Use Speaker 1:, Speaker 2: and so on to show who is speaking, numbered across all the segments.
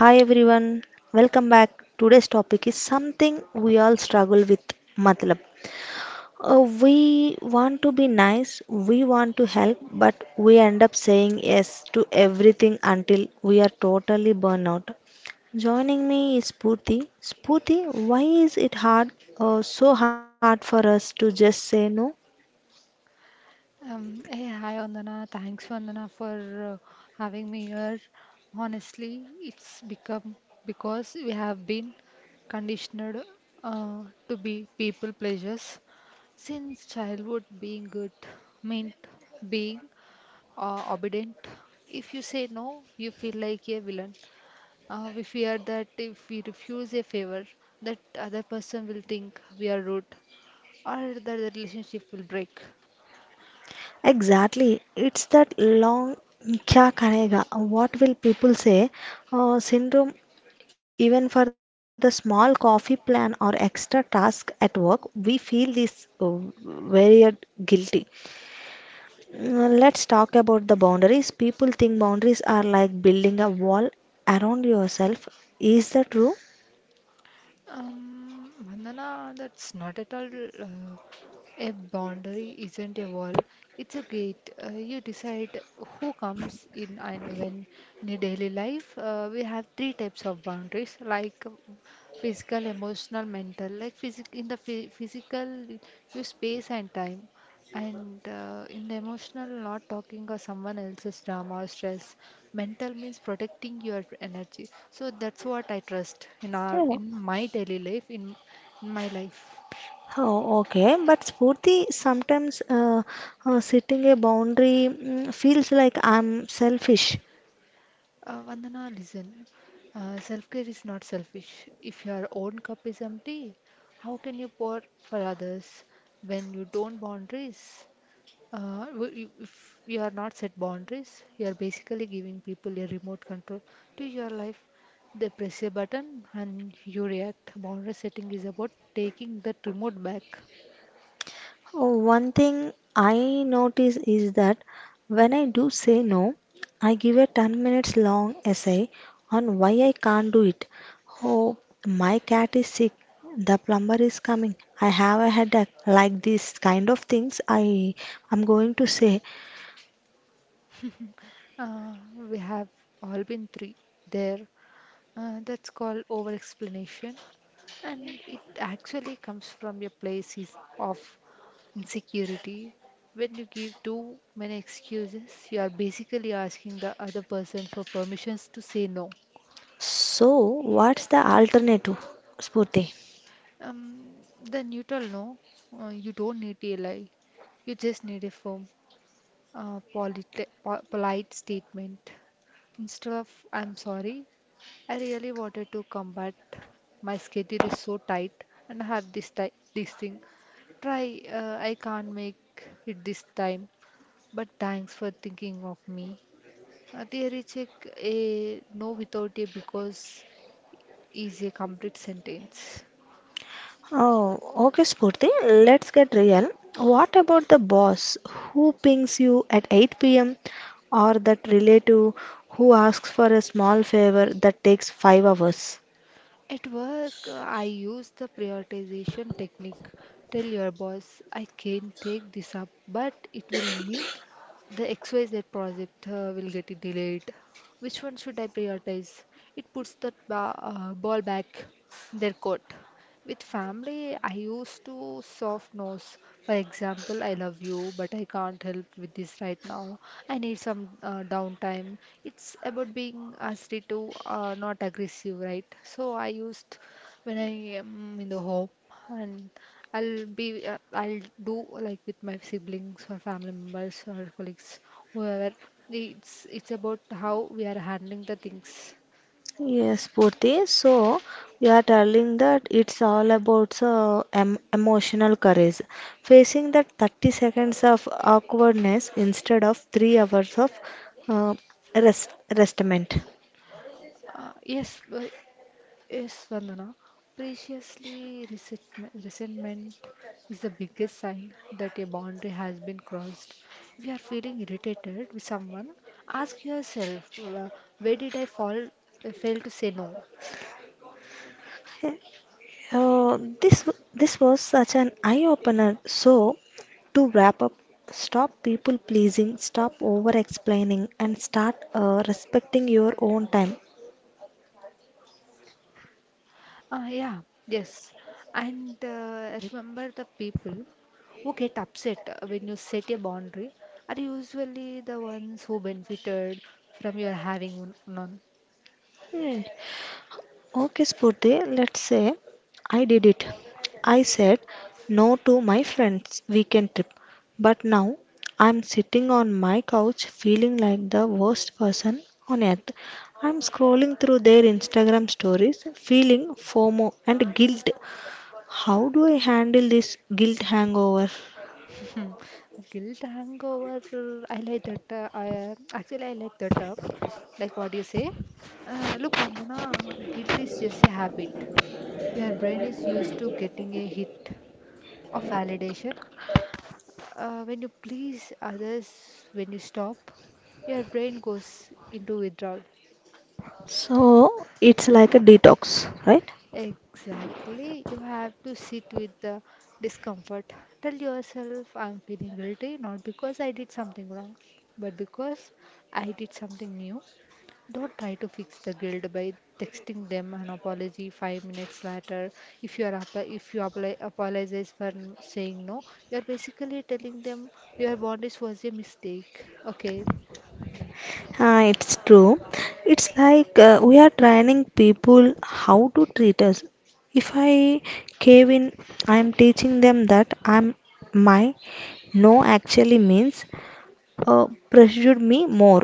Speaker 1: Hi everyone, welcome back. Today's topic is something we all struggle with matlab. We want to be nice, we want to help, but we end up saying yes to everything until we are totally burned out. Joining me is Spurti. Spurti, why is it so hard for us to just say no?
Speaker 2: Hey, hi Andana. Thanks, Vandana, for having me here. Honestly, it's become because we have been conditioned to be people pleasers since childhood. Being good meant being obedient. If you say no, you feel like a villain. We fear that if we refuse a favor, that other person will think we are rude or that the relationship will break.
Speaker 1: Exactly. It's that long kya karega, what will people say, syndrome. Even for the small coffee plan or extra task at work, we feel this very guilty. Let's talk about the boundaries. People think boundaries are like building a wall around yourself. Is that true?
Speaker 2: Vandana, that's not at all. Uh, a boundary isn't a wall, it's a gate. You decide who comes in and when. In your daily life, we have three types of boundaries, like physical, emotional, mental. Like physical, you space and time. And in the emotional, not talking or someone else's drama or stress. Mental means protecting your energy. So that's what I trust in our
Speaker 1: Yeah.
Speaker 2: in my daily life, in my life.
Speaker 1: Oh, okay. But Spurti, sometimes setting a boundary feels like I'm selfish.
Speaker 2: Vandana, listen. Self-care is not selfish. If your own cup is empty, how can you pour for others when you don't boundaries? If you are not set boundaries, you are basically giving people a remote control to your life. They press a button and you react. Boundary setting is about taking that remote back.
Speaker 1: Oh, one thing I notice is that when I do say no, I give a 10 minutes long essay on why I can't do it. Oh, my cat is sick. The plumber is coming. I have a headache. Like these kind of things I am going to say.
Speaker 2: Uh, we have all been three there. That's called over explanation, and it actually comes from your places of insecurity. When you give too many excuses, you are basically asking the other person for permissions to say no.
Speaker 1: So, what's the alternative, Spurti?
Speaker 2: Um, the neutral no, you don't need a lie, you just need a firm, polite statement instead of "I'm sorry. I really wanted to come, but my schedule is so tight and I have this thing." Try, "I can't make it this time, but thanks for thinking of me." A theory check, a no without a because is a complete sentence.
Speaker 1: Oh, okay, Spurti. Let's get real. What about the boss who pings you at 8 p.m. or that relative who asks for a small favor that takes 5 hours?
Speaker 2: At work, I use the prioritization technique. Tell your boss, "I can take this up, but it will mean the XYZ project will get it delayed. Which one should I prioritize?" It puts the ball back in their court. With family, I used to soft nose. For example, "I love you, but I can't help with this right now. I need some downtime." It's about being assertive, not aggressive, right? So I used when I am in the home, and I'll do like with my siblings or family members or colleagues, whoever. It's about how we are handling the things.
Speaker 1: Yes, Purti. So you are telling that it's all about emotional courage, facing that 30 seconds of awkwardness instead of 3 hours of uh, rest restment.
Speaker 2: Uh, yes, uh, Yes, Vandana. Preciously, resentment is the biggest sign that a boundary has been crossed. If you are feeling irritated with someone, ask yourself, where did fail to say no?
Speaker 1: This was such an eye opener. So, to wrap up, stop people pleasing, stop over explaining, and start respecting your own time.
Speaker 2: Yeah, yes. And remember, the people who get upset when you set a boundary are usually the ones who benefited from your having one. None.
Speaker 1: Hmm. Okay, Spurti, let's say I did it. I said no to my friend's weekend trip, but now I'm sitting on my couch feeling like the worst person on earth. I'm scrolling through their Instagram stories, feeling FOMO and guilt. How do I handle this guilt hangover?
Speaker 2: Hmm. Guilt hangover. I like that. Actually, I like that. Like what you say. Look, Vandana, guilt is just a habit. Your brain is used to getting a hit of validation. When you please others, when you stop, your brain goes into withdrawal.
Speaker 1: So it's like a detox, right?
Speaker 2: Exactly. You have to sit with the discomfort. Tell yourself, "I'm feeling guilty, not because I did something wrong, but because I did something new." Don't try to fix the guilt by texting them an apology 5 minutes later. If you apply, apologize for saying no, you are basically telling them your boundaries was a mistake. Okay.
Speaker 1: Ah, it's true. It's like we are training people how to treat us. If I cave in, I am teaching them that I'm my no actually means pressured me more.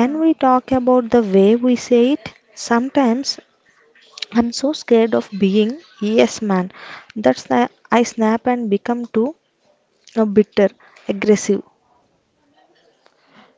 Speaker 2: Uh,
Speaker 1: we talk about the way we say it? Sometimes I'm so scared of being yes man. That's the I snap and become too a bitter, aggressive.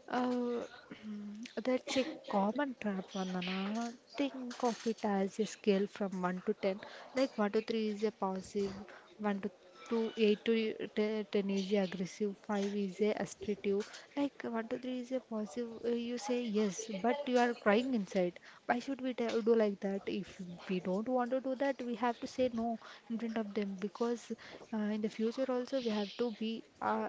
Speaker 2: Uh, that's a common trap, Vandana. Think of it as a scale from 1 to 10. Like 1 to 3 is a positive, 1 to 2, 8 to 10 is a aggressive, 5 is a assertive. Like 1 to 3 is a positive, you say yes, but you are crying inside. Why should we do like that? If we don't want to do that, we have to say no in front of them, because in the future also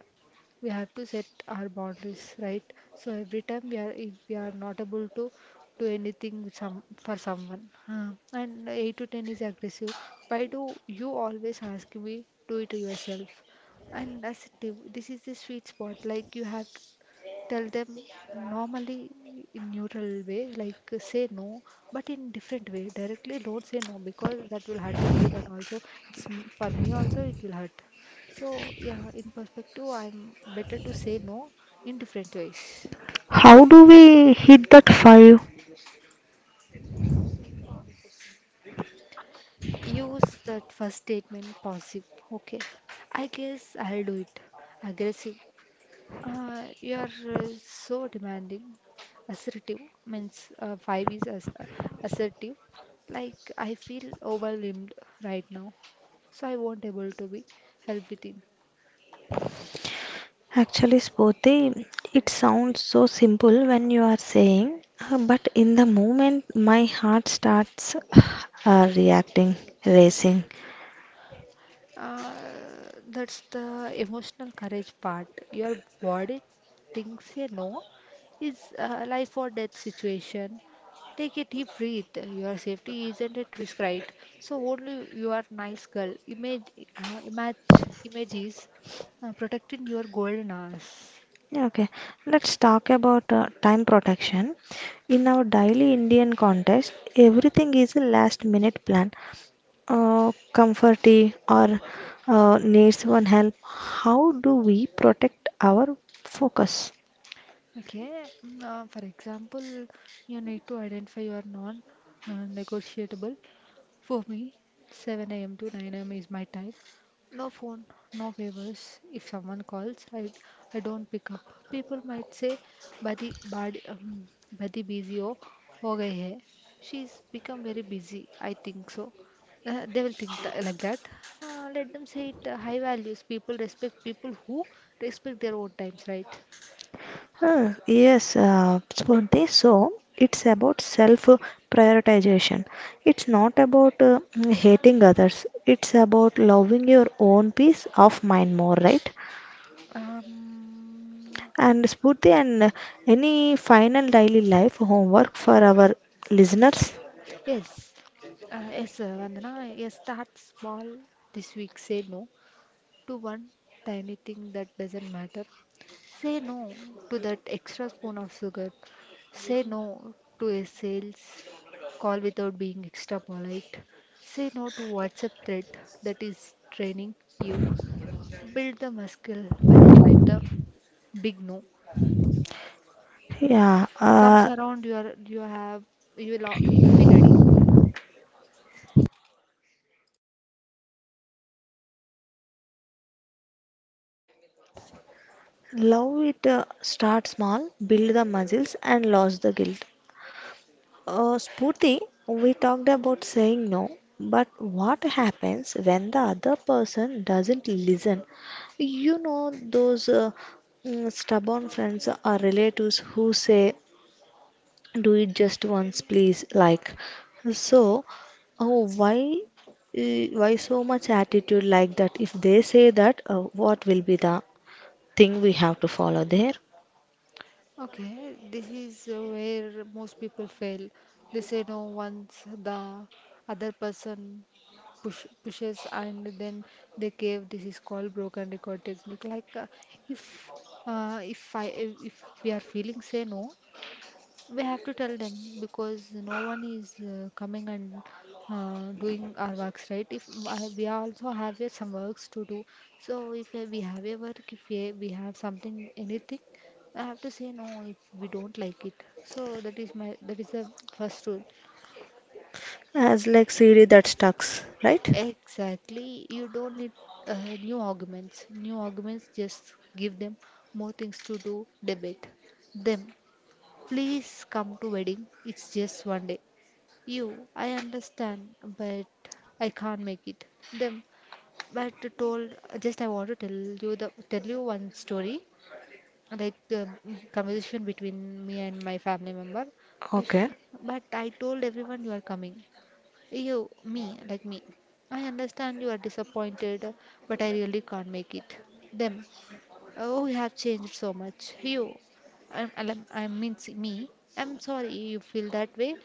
Speaker 2: we have to set our boundaries right, so every time we are if we are not able to do anything with some for someone, and 8 to 10 is aggressive, "Why do you always ask me, do it yourself?" And that's it. This is the sweet spot. Like, you have to tell them normally, in neutral way, like say no, but in different way. Directly don't say no because that will hurt everyone also. It's for me also it will hurt. So yeah, in perspective, I'm better to say no in different ways.
Speaker 1: How do we hit that five?
Speaker 2: Use that first statement. Passive: "Okay, I guess I'll do it." Aggressive: "You are so demanding." Assertive means, five is as assertive. Like, "I feel overwhelmed right now, so I won't able to be help with it."
Speaker 1: Actually, Spoti, it sounds so simple when you are saying, but in the moment, my heart starts uh, reacting, racing.
Speaker 2: Uh, that's the emotional courage part. Your body thinks a no is a life or death situation. Take a deep breath. Your safety isn't at risk, right? So only you are nice girl. Images protecting your golden hours.
Speaker 1: Yeah, okay, let's talk about time protection. In our daily Indian context, everything is a last minute plan. Comforty or needs one help. How do we protect our focus?
Speaker 2: Okay, for example, you need to identify your non negotiable. For me, 7 a.m. to 9 a.m. is my time. No phone, no favors. If someone calls, I don't pick up. People might say, "Badi badi badi busy ho gayi hai." She's become very busy, I think so. They will think like that. Let them say it. High values. People respect people who respect their own times, right?
Speaker 1: Huh, yes, for this, so it's about self prioritization. It's not about hating others, it's about loving your own peace of mind more, right?
Speaker 2: Um,
Speaker 1: And Spurti, and any final daily life homework for our listeners?
Speaker 2: yes, yes, Vandana, yes, start small this week. Say no to one tiny thing that doesn't matter. Say no to that extra spoon of sugar. Say no to a sales call without being extra polite. Say no to WhatsApp thread that is draining you. Build the muscle by the time the big no
Speaker 1: Yeah,
Speaker 2: comes around. You are you have you will al- You will be ready.
Speaker 1: love it, start small, build the muscles, and lose the guilt. Spurti, we talked about saying no, but what happens when the other person doesn't listen? You know, those stubborn friends or relatives who say, do it just once, please. Like, so, oh, why? Why so much attitude like that? If they say that, what will be the thing we have to follow there?
Speaker 2: Okay, this is where most people fail. They say no, once the other person pushes, and then they cave. This is called broken record technique. Like, if uh, if I if we are feeling say no, we have to tell them, because no one is coming and doing our works, right? if I- We also have some works to do. So if we have a work, if we have something, anything, I have to say no if we don't like it. So that is the first rule.
Speaker 1: As like Siri that stucks, right?
Speaker 2: Exactly, you don't need uh, new arguments. Just give them more things to do, debate them. "Please come to wedding, it's just one day." "You: I understand, but I can't make it." Them: "But told, just I want to tell you the tell you one story, like, conversation between me and my family member." Like,
Speaker 1: Okay.
Speaker 2: "But I told everyone you are coming." "You, me, like me. I understand you are disappointed, but I really can't make it." Them: "Oh, you have changed so much." You: I mean, see me. "I'm sorry you feel that way,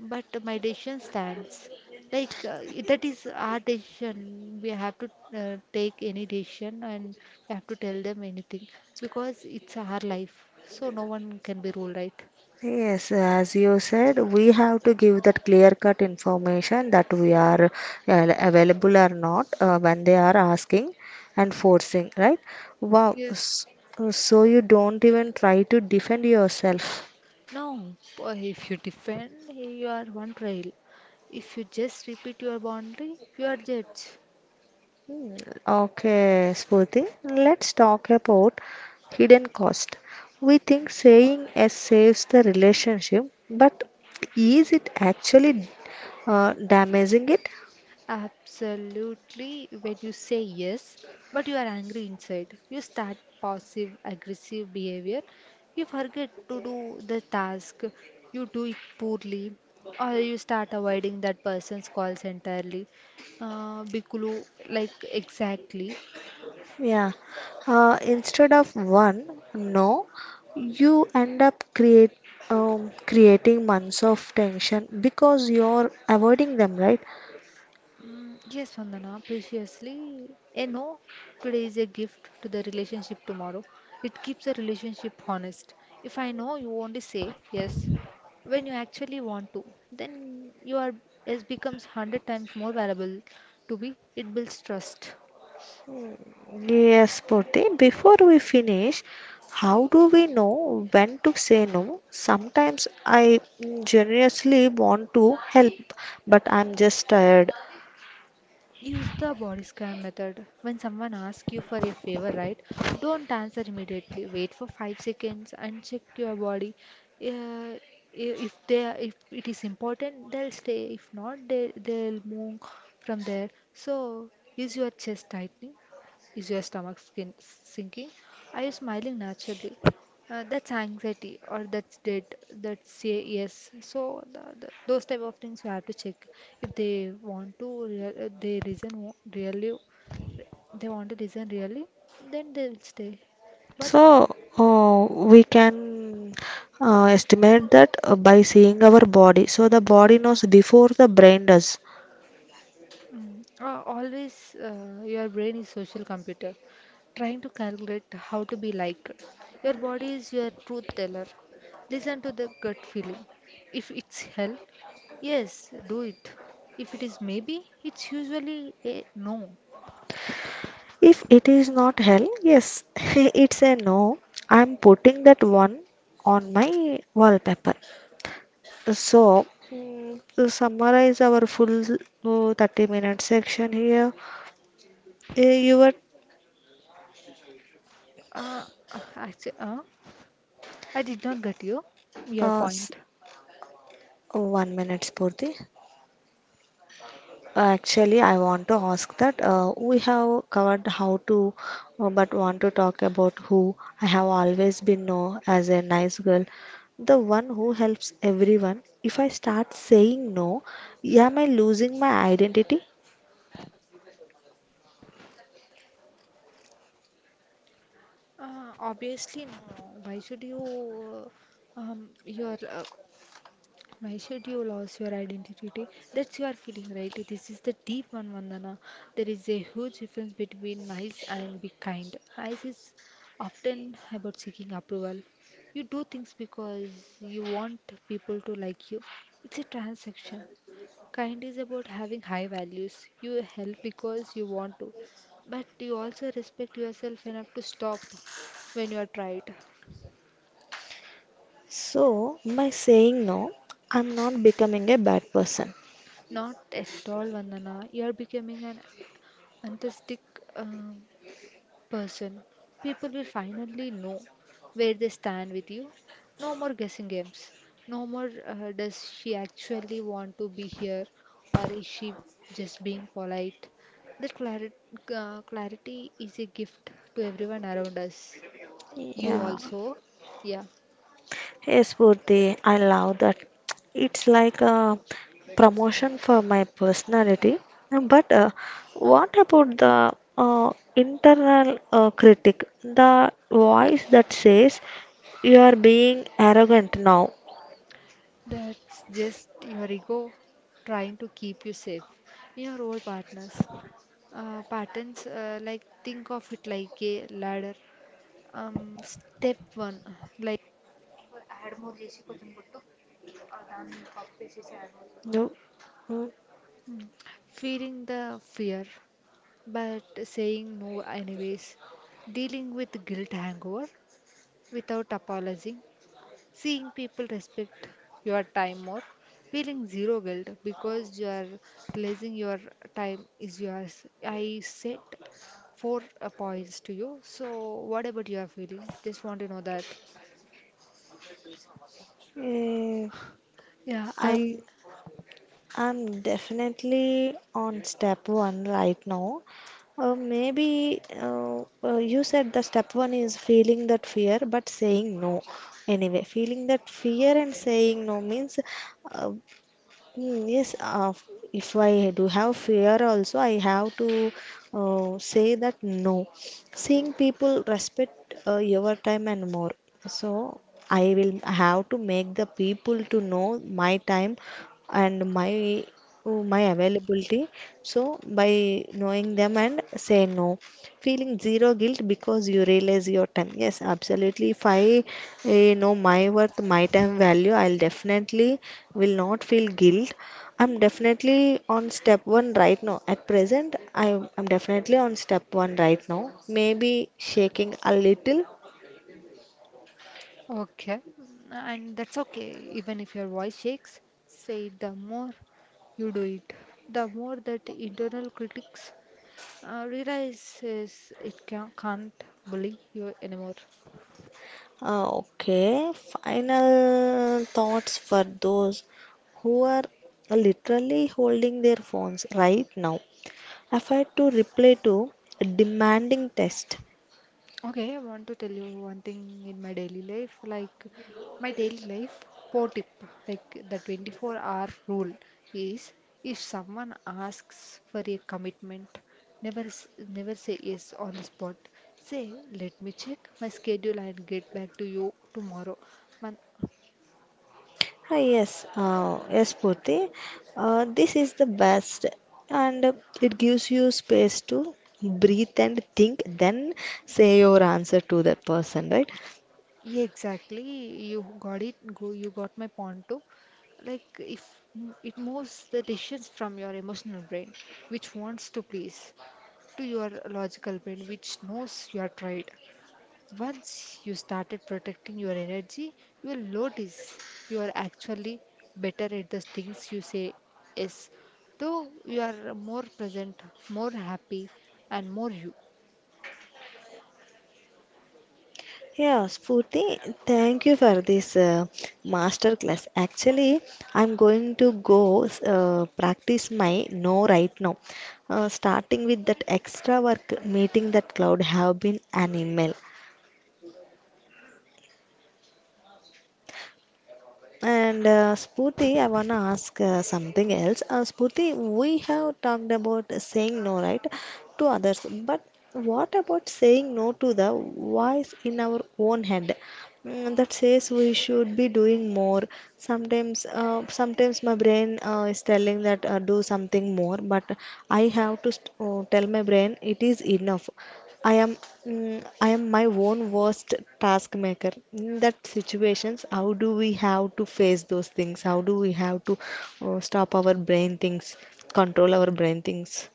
Speaker 2: but my decision stands." Like, that is our decision. We have to take any decision, and we have to tell them anything because it's our life. So no one can be ruled, right?
Speaker 1: Yes, as you said, we have to give that clear-cut information that we are available or not when they are asking and forcing, right? Wow,
Speaker 2: Yes.
Speaker 1: so you don't even try to defend yourself.
Speaker 2: No, boy, if you defend, you are on trial. If you just repeat your boundary, you are judged.
Speaker 1: Okay, Spurti, let's talk about hidden cost. We think saying yes saves the relationship, but is it actually damaging it?
Speaker 2: Absolutely, when you say yes, but you are angry inside, you start passive aggressive behavior, you forget to do the task, you do it poorly, or you start avoiding that person's calls entirely. Bikulu, like exactly.
Speaker 1: Yeah. Instead of one no, you end up create creating months of tension because you're avoiding them, right?
Speaker 2: Yes, Vandana, preciously. A no today is a gift to the relationship tomorrow. It keeps the relationship honest. If I know you only say yes when you actually want to, then you are yes becomes 100 times more valuable to be. It builds trust.
Speaker 1: Yes, Purti. Before we finish, how do we know when to say no? Sometimes I generously want to help, but I'm just tired.
Speaker 2: Use the body scan method. When someone asks you for a favor, right? Don't answer immediately. Wait for 5 seconds and check your body. Uh, if it is important, they'll stay. If not, they'll move from there. So, is your chest tightening? Is your stomach skin sinking? Are you smiling naturally? That's anxiety or that's debt. That's a yes. So those type of things we have to check if they want to. Real, they reason really. They want to listen really. Then they will stay. But.
Speaker 1: So, we can estimate that by seeing our body. So, the body knows before the brain does.
Speaker 2: Mm. Always, your brain is social computer, trying to calculate how to be liked. Your body is your truth teller. Listen to the gut feeling. If it's hell, yes, do it. If it is maybe, it's usually a no.
Speaker 1: If it is not hell, yes, it's a no. I'm putting that one on my wallpaper. So, to summarize our full 30-minute section here, you were
Speaker 2: Uh, Actually, I did not get your
Speaker 1: uh, s-
Speaker 2: point.
Speaker 1: one minute, Spurti. Actually, I want to ask that we have covered how to, but want to talk about who I have always been known as a nice girl, the one who helps everyone. If I start saying no, am I losing my identity?
Speaker 2: Obviously, no. Why should you, your why should you lose your identity? That's your feeling, right? This is the deep one, Vandana. There is a huge difference between nice and be kind. Nice is often about seeking approval. You do things because you want people to like you. It's a transaction. Kind is about having high values. You help because you want to, but you also respect yourself enough to stop when you are tried.
Speaker 1: So, by saying no, I'm not becoming a bad person.
Speaker 2: Not at all, Vandana. You are becoming an enthusiastic uh, person, people will finally know where they stand with you. No more guessing games. No more does she actually want to be here or is she just being polite? That clari- Clarity is a gift to everyone around us. You
Speaker 1: Yeah.
Speaker 2: also, yeah.
Speaker 1: Yes, Purti, I love that. It's like a promotion for my personality. But what about the internal critic, the voice that says you are being arrogant now?
Speaker 2: That's just your ego trying to keep you safe in your old partners. Patterns. Like think of it like a ladder. Step one, like
Speaker 1: No. Mm,
Speaker 2: mm, feeling the fear, but saying no anyways, dealing with guilt hangover without apologizing, seeing people respect your time more, feeling zero guilt because you are realizing your time is yours. I set four points to you. So, what about your feeling? Just want to know that.
Speaker 1: eh,
Speaker 2: Yeah, I
Speaker 1: I'm I'm definitely on step one right now. Maybe you said the step one is feeling that fear, but saying no. Anyway, feeling that fear and saying no means uh, Yes, if I do have fear also, I have to say that no. Seeing people respect your time and more. So I will have to make the people to know my time and my my availability. So by knowing them and say no, feeling zero guilt because you realize your time. Yes, absolutely. If I know my worth, my time value, I'll definitely will not feel guilt. I'm definitely on step 1 right now. At present, I'm definitely on step 1 right now, maybe shaking a little.
Speaker 2: Okay, and that's okay, even if your voice shakes, say it. The more you do it, the more that internal critics realizes it can't bully you anymore.
Speaker 1: Okay, final thoughts for those who are literally holding their phones right now. Effort to reply to a demanding test.
Speaker 2: Okay, I want to tell you one thing in my daily life, like my daily life pro tip, like the 24-hour rule is, if someone asks for a commitment, never s- never say yes on the spot. Say, let me check my schedule and get back to you tomorrow. Man,
Speaker 1: Hi, yes, yes, Purti. This is the best, and it gives you space to breathe and think, then say your answer to that person, right?
Speaker 2: yeah, exactly. You got it. Go, you got my point too. Like if it moves the decisions from your emotional brain, which wants to please, to your logical brain, which knows you are tired. Once you started protecting your energy, you will notice you are actually better at the things you say yes though. You are more present, more happy, and more you.
Speaker 1: Yeah, Spurti, thank you for this master class. Actually, I'm going to go practice my no right now. Starting with that extra work meeting that cloud have been an email. And Spooty, I wanna ask something else. Spooty, we have talked about saying no, right, to others. But what about saying no to the voice in our own head that says we should be doing more? Sometimes my brain is telling that do something more, but I have to tell my brain it is enough. I am I am my own worst taskmaker. In that situations, how do we have to face those things? How do we have to stop our brain things, control our brain things?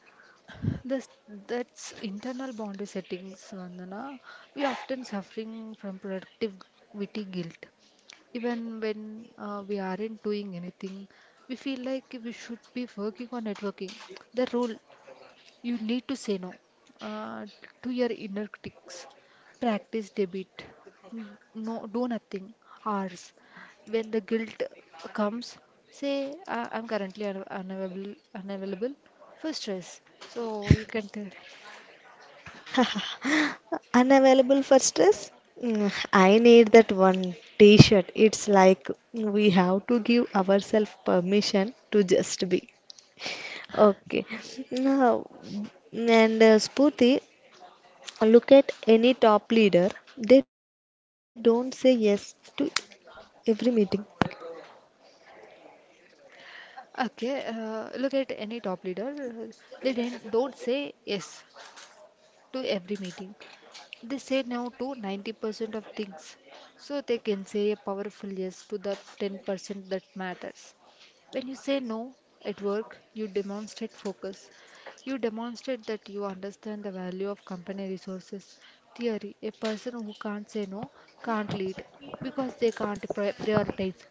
Speaker 2: This, that's internal boundary settings, Vandana. We often suffering from productivity guilt. Even when we aren't doing anything, we feel like we should be working on networking. The rule: you need to say no uh, to your inner critics. Practice debit. No, do nothing hours. When the guilt comes, say, I'm currently un unavailable, unavailable for stress. So you can tell.
Speaker 1: Unavailable for stress? I need that one T-shirt. It's like we have to give ourselves permission to just be. Okay. Now, and Spooty, look at any top leader, they don't say yes to every meeting.
Speaker 2: Okay, look at any top leader. They do not don't say yes to every meeting. They say no to 90% of things, so they can say a powerful yes to the 10% that matters. When you say no at work, you demonstrate focus. You demonstrate that you understand the value of company resources. Theory: a person who can't say no can't lead because they can't pri- prioritize.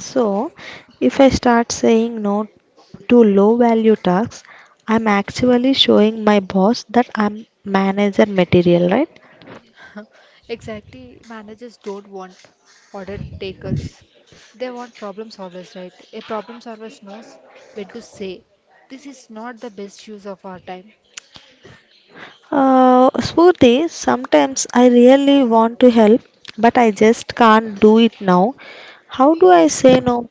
Speaker 1: So, if I start saying no to low value tasks, I'm actually showing my boss that I'm manager material, right?
Speaker 2: Exactly, managers don't want order takers. They want problem solvers, right? A problem solver knows when to say, this is not the best use of our time.
Speaker 1: Smoothie, sometimes I really want to help, but I just can't do it now. How do I say no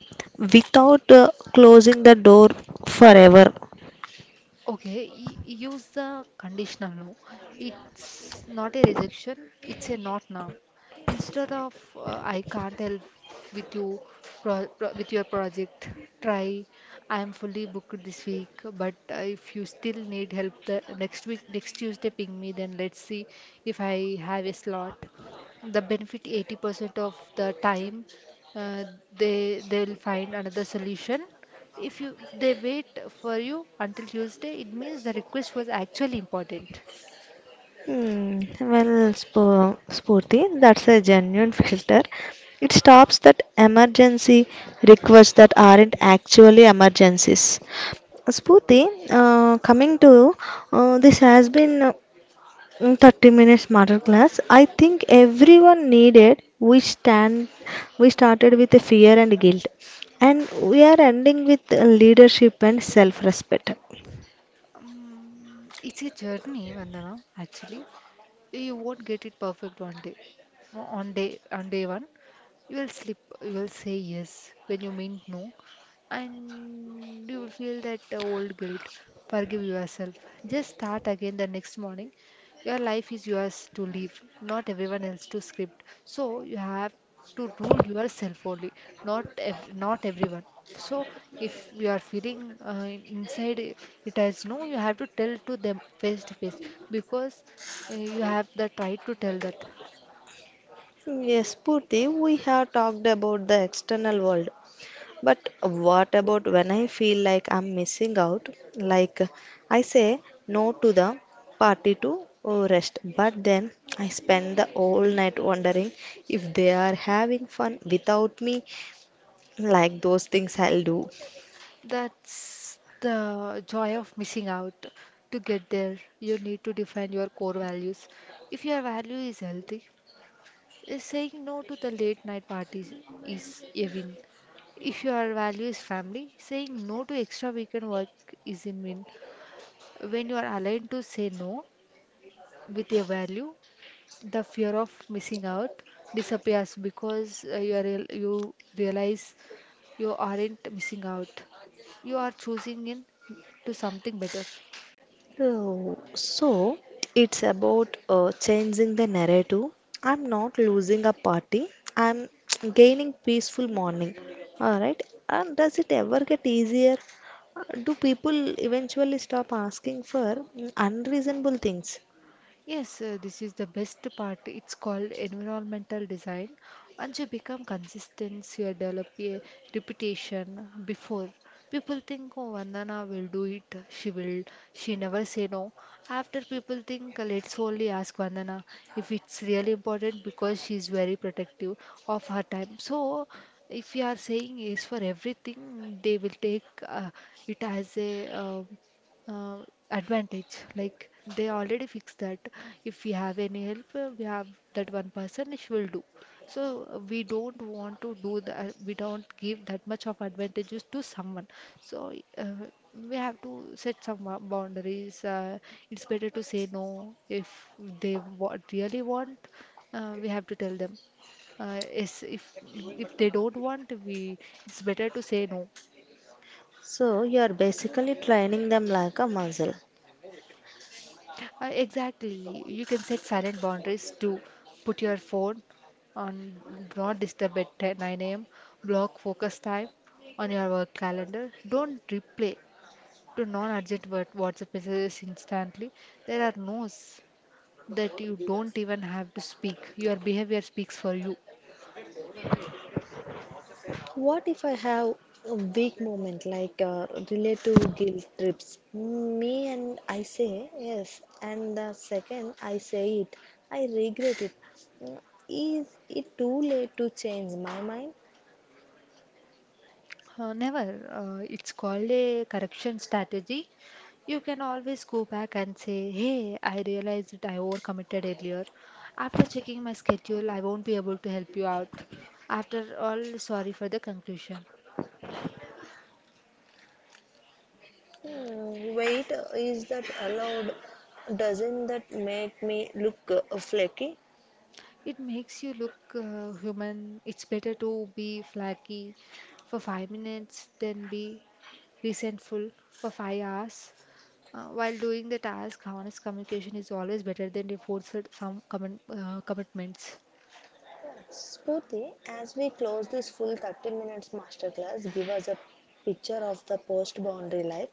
Speaker 1: without closing the door forever?
Speaker 2: Okay, use the conditional no. It's not a rejection, it's a not now. Instead of I can't help with you with your project, try, I am fully booked this week, but if you still need help the next week, next Tuesday, ping me then, let's see if I have a slot. The benefit: 80% of the time uh, they'll find another solution. If you they wait for you until Tuesday, it means the request was actually important.
Speaker 1: Hmm, well, Spurti, that's a genuine filter. It stops that emergency requests that aren't actually emergencies. Spurti, coming to this has been 30 minutes masterclass. I think everyone needed. We stand. We started with the fear and guilt, and we are ending with leadership and self-respect.
Speaker 2: It's a journey, Vandana, actually. You won't get it perfect one day. O- On day on day one, you will slip, you will say yes when you mean no, and you will feel that old guilt. Forgive yourself. Just start again the next morning. Your life is yours to live, not everyone else to script. So you have to rule yourself only, not everyone. So if you are feeling inside i- it has no, you have to tell to them face to face because you have the right to tell that.
Speaker 1: Yes, Purti, we have talked about the external world, but what about when I feel like I'm missing out? Like I say no to the party to rest, but then I spend the whole night wondering if they are having fun without me, like those things I'll do.
Speaker 2: That's the joy of missing out. To get there, you need to define your core values. If your value is healthy, saying no to the late night parties is a win. If your value is family, saying no to extra weekend work is a win. When you are aligned to say no with a value, the fear of missing out disappears because you realize you aren't missing out. You are choosing in to something better.
Speaker 1: So it's about changing the narrative. I'm not losing a party. I'm gaining peaceful morning. All right. And does it ever get easier? Do people eventually stop asking for unreasonable things?
Speaker 2: Yes, this is the best part. It's called environmental design. Once you become consistent, you develop a reputation. Before, people think, oh, Vandana will do it. She will. She never say no. After, people think, let's only ask Vandana if it's really important because she's very protective of her time. So, if you are saying yes for everything, they will take it as a uh, advantage, like they already fixed that. If we have any help, we have that one person, she will do. So we don't want to do that, we don't give that much of advantages to someone. So uh, we have to set some boundaries. It's better to say no. If they really want, we have to tell them yes. If they don't want, we, it's better to say no.
Speaker 1: So you are basically training them like a muscle.
Speaker 2: Exactly. You can set silent boundaries, to put your phone on do not disturb at 10 9 a.m. Block focus time on your work calendar. Don't reply to WhatsApp messages instantly. There are no's that you don't even have to speak. Your behavior speaks for you.
Speaker 1: What if I have a weak moment like relate to guilt trips? Me and I say yes, and the second I say it, I regret it. Mm, Is it too late to change my mind?
Speaker 2: Never. It's called a correction strategy. You can always go back and say, hey, I realized that I overcommitted earlier. After checking my schedule, I won't be able to help you out. After all, sorry for the conclusion.
Speaker 1: Hmm, wait, is that allowed? Doesn't that make me look flaky?
Speaker 2: It makes you look human. It's better to be flaky for five minutes than be resentful for five hours. While doing the task, honest communication is always better than the forced commitments.
Speaker 1: Spooty, as we close this full 30 minutes masterclass, give us a picture of the post boundary life.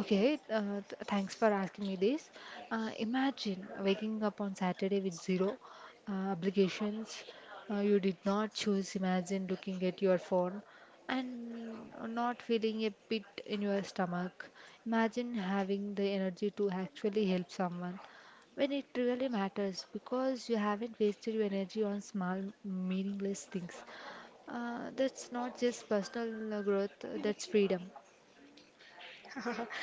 Speaker 2: Okay, thanks for asking me this. Imagine waking up on Saturday with zero obligations. You did not choose. Imagine looking at your phone and not feeling a pit in your stomach. Imagine having the energy to actually help someone when it really matters because you haven't wasted your energy on small, meaningless things. That's not just personal growth, that's freedom.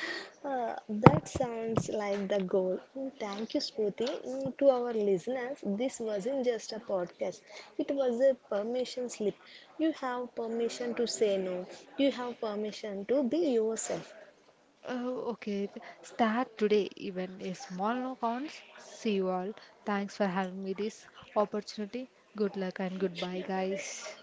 Speaker 1: That sounds like the goal. Thank you, Smriti. To our listeners, this wasn't just a podcast, it was a permission slip. You have permission to say no, you have permission to be yourself,
Speaker 2: Oh, okay. Start today, even a small no counts. See you all. Thanks for having me this opportunity. Good luck and goodbye, guys.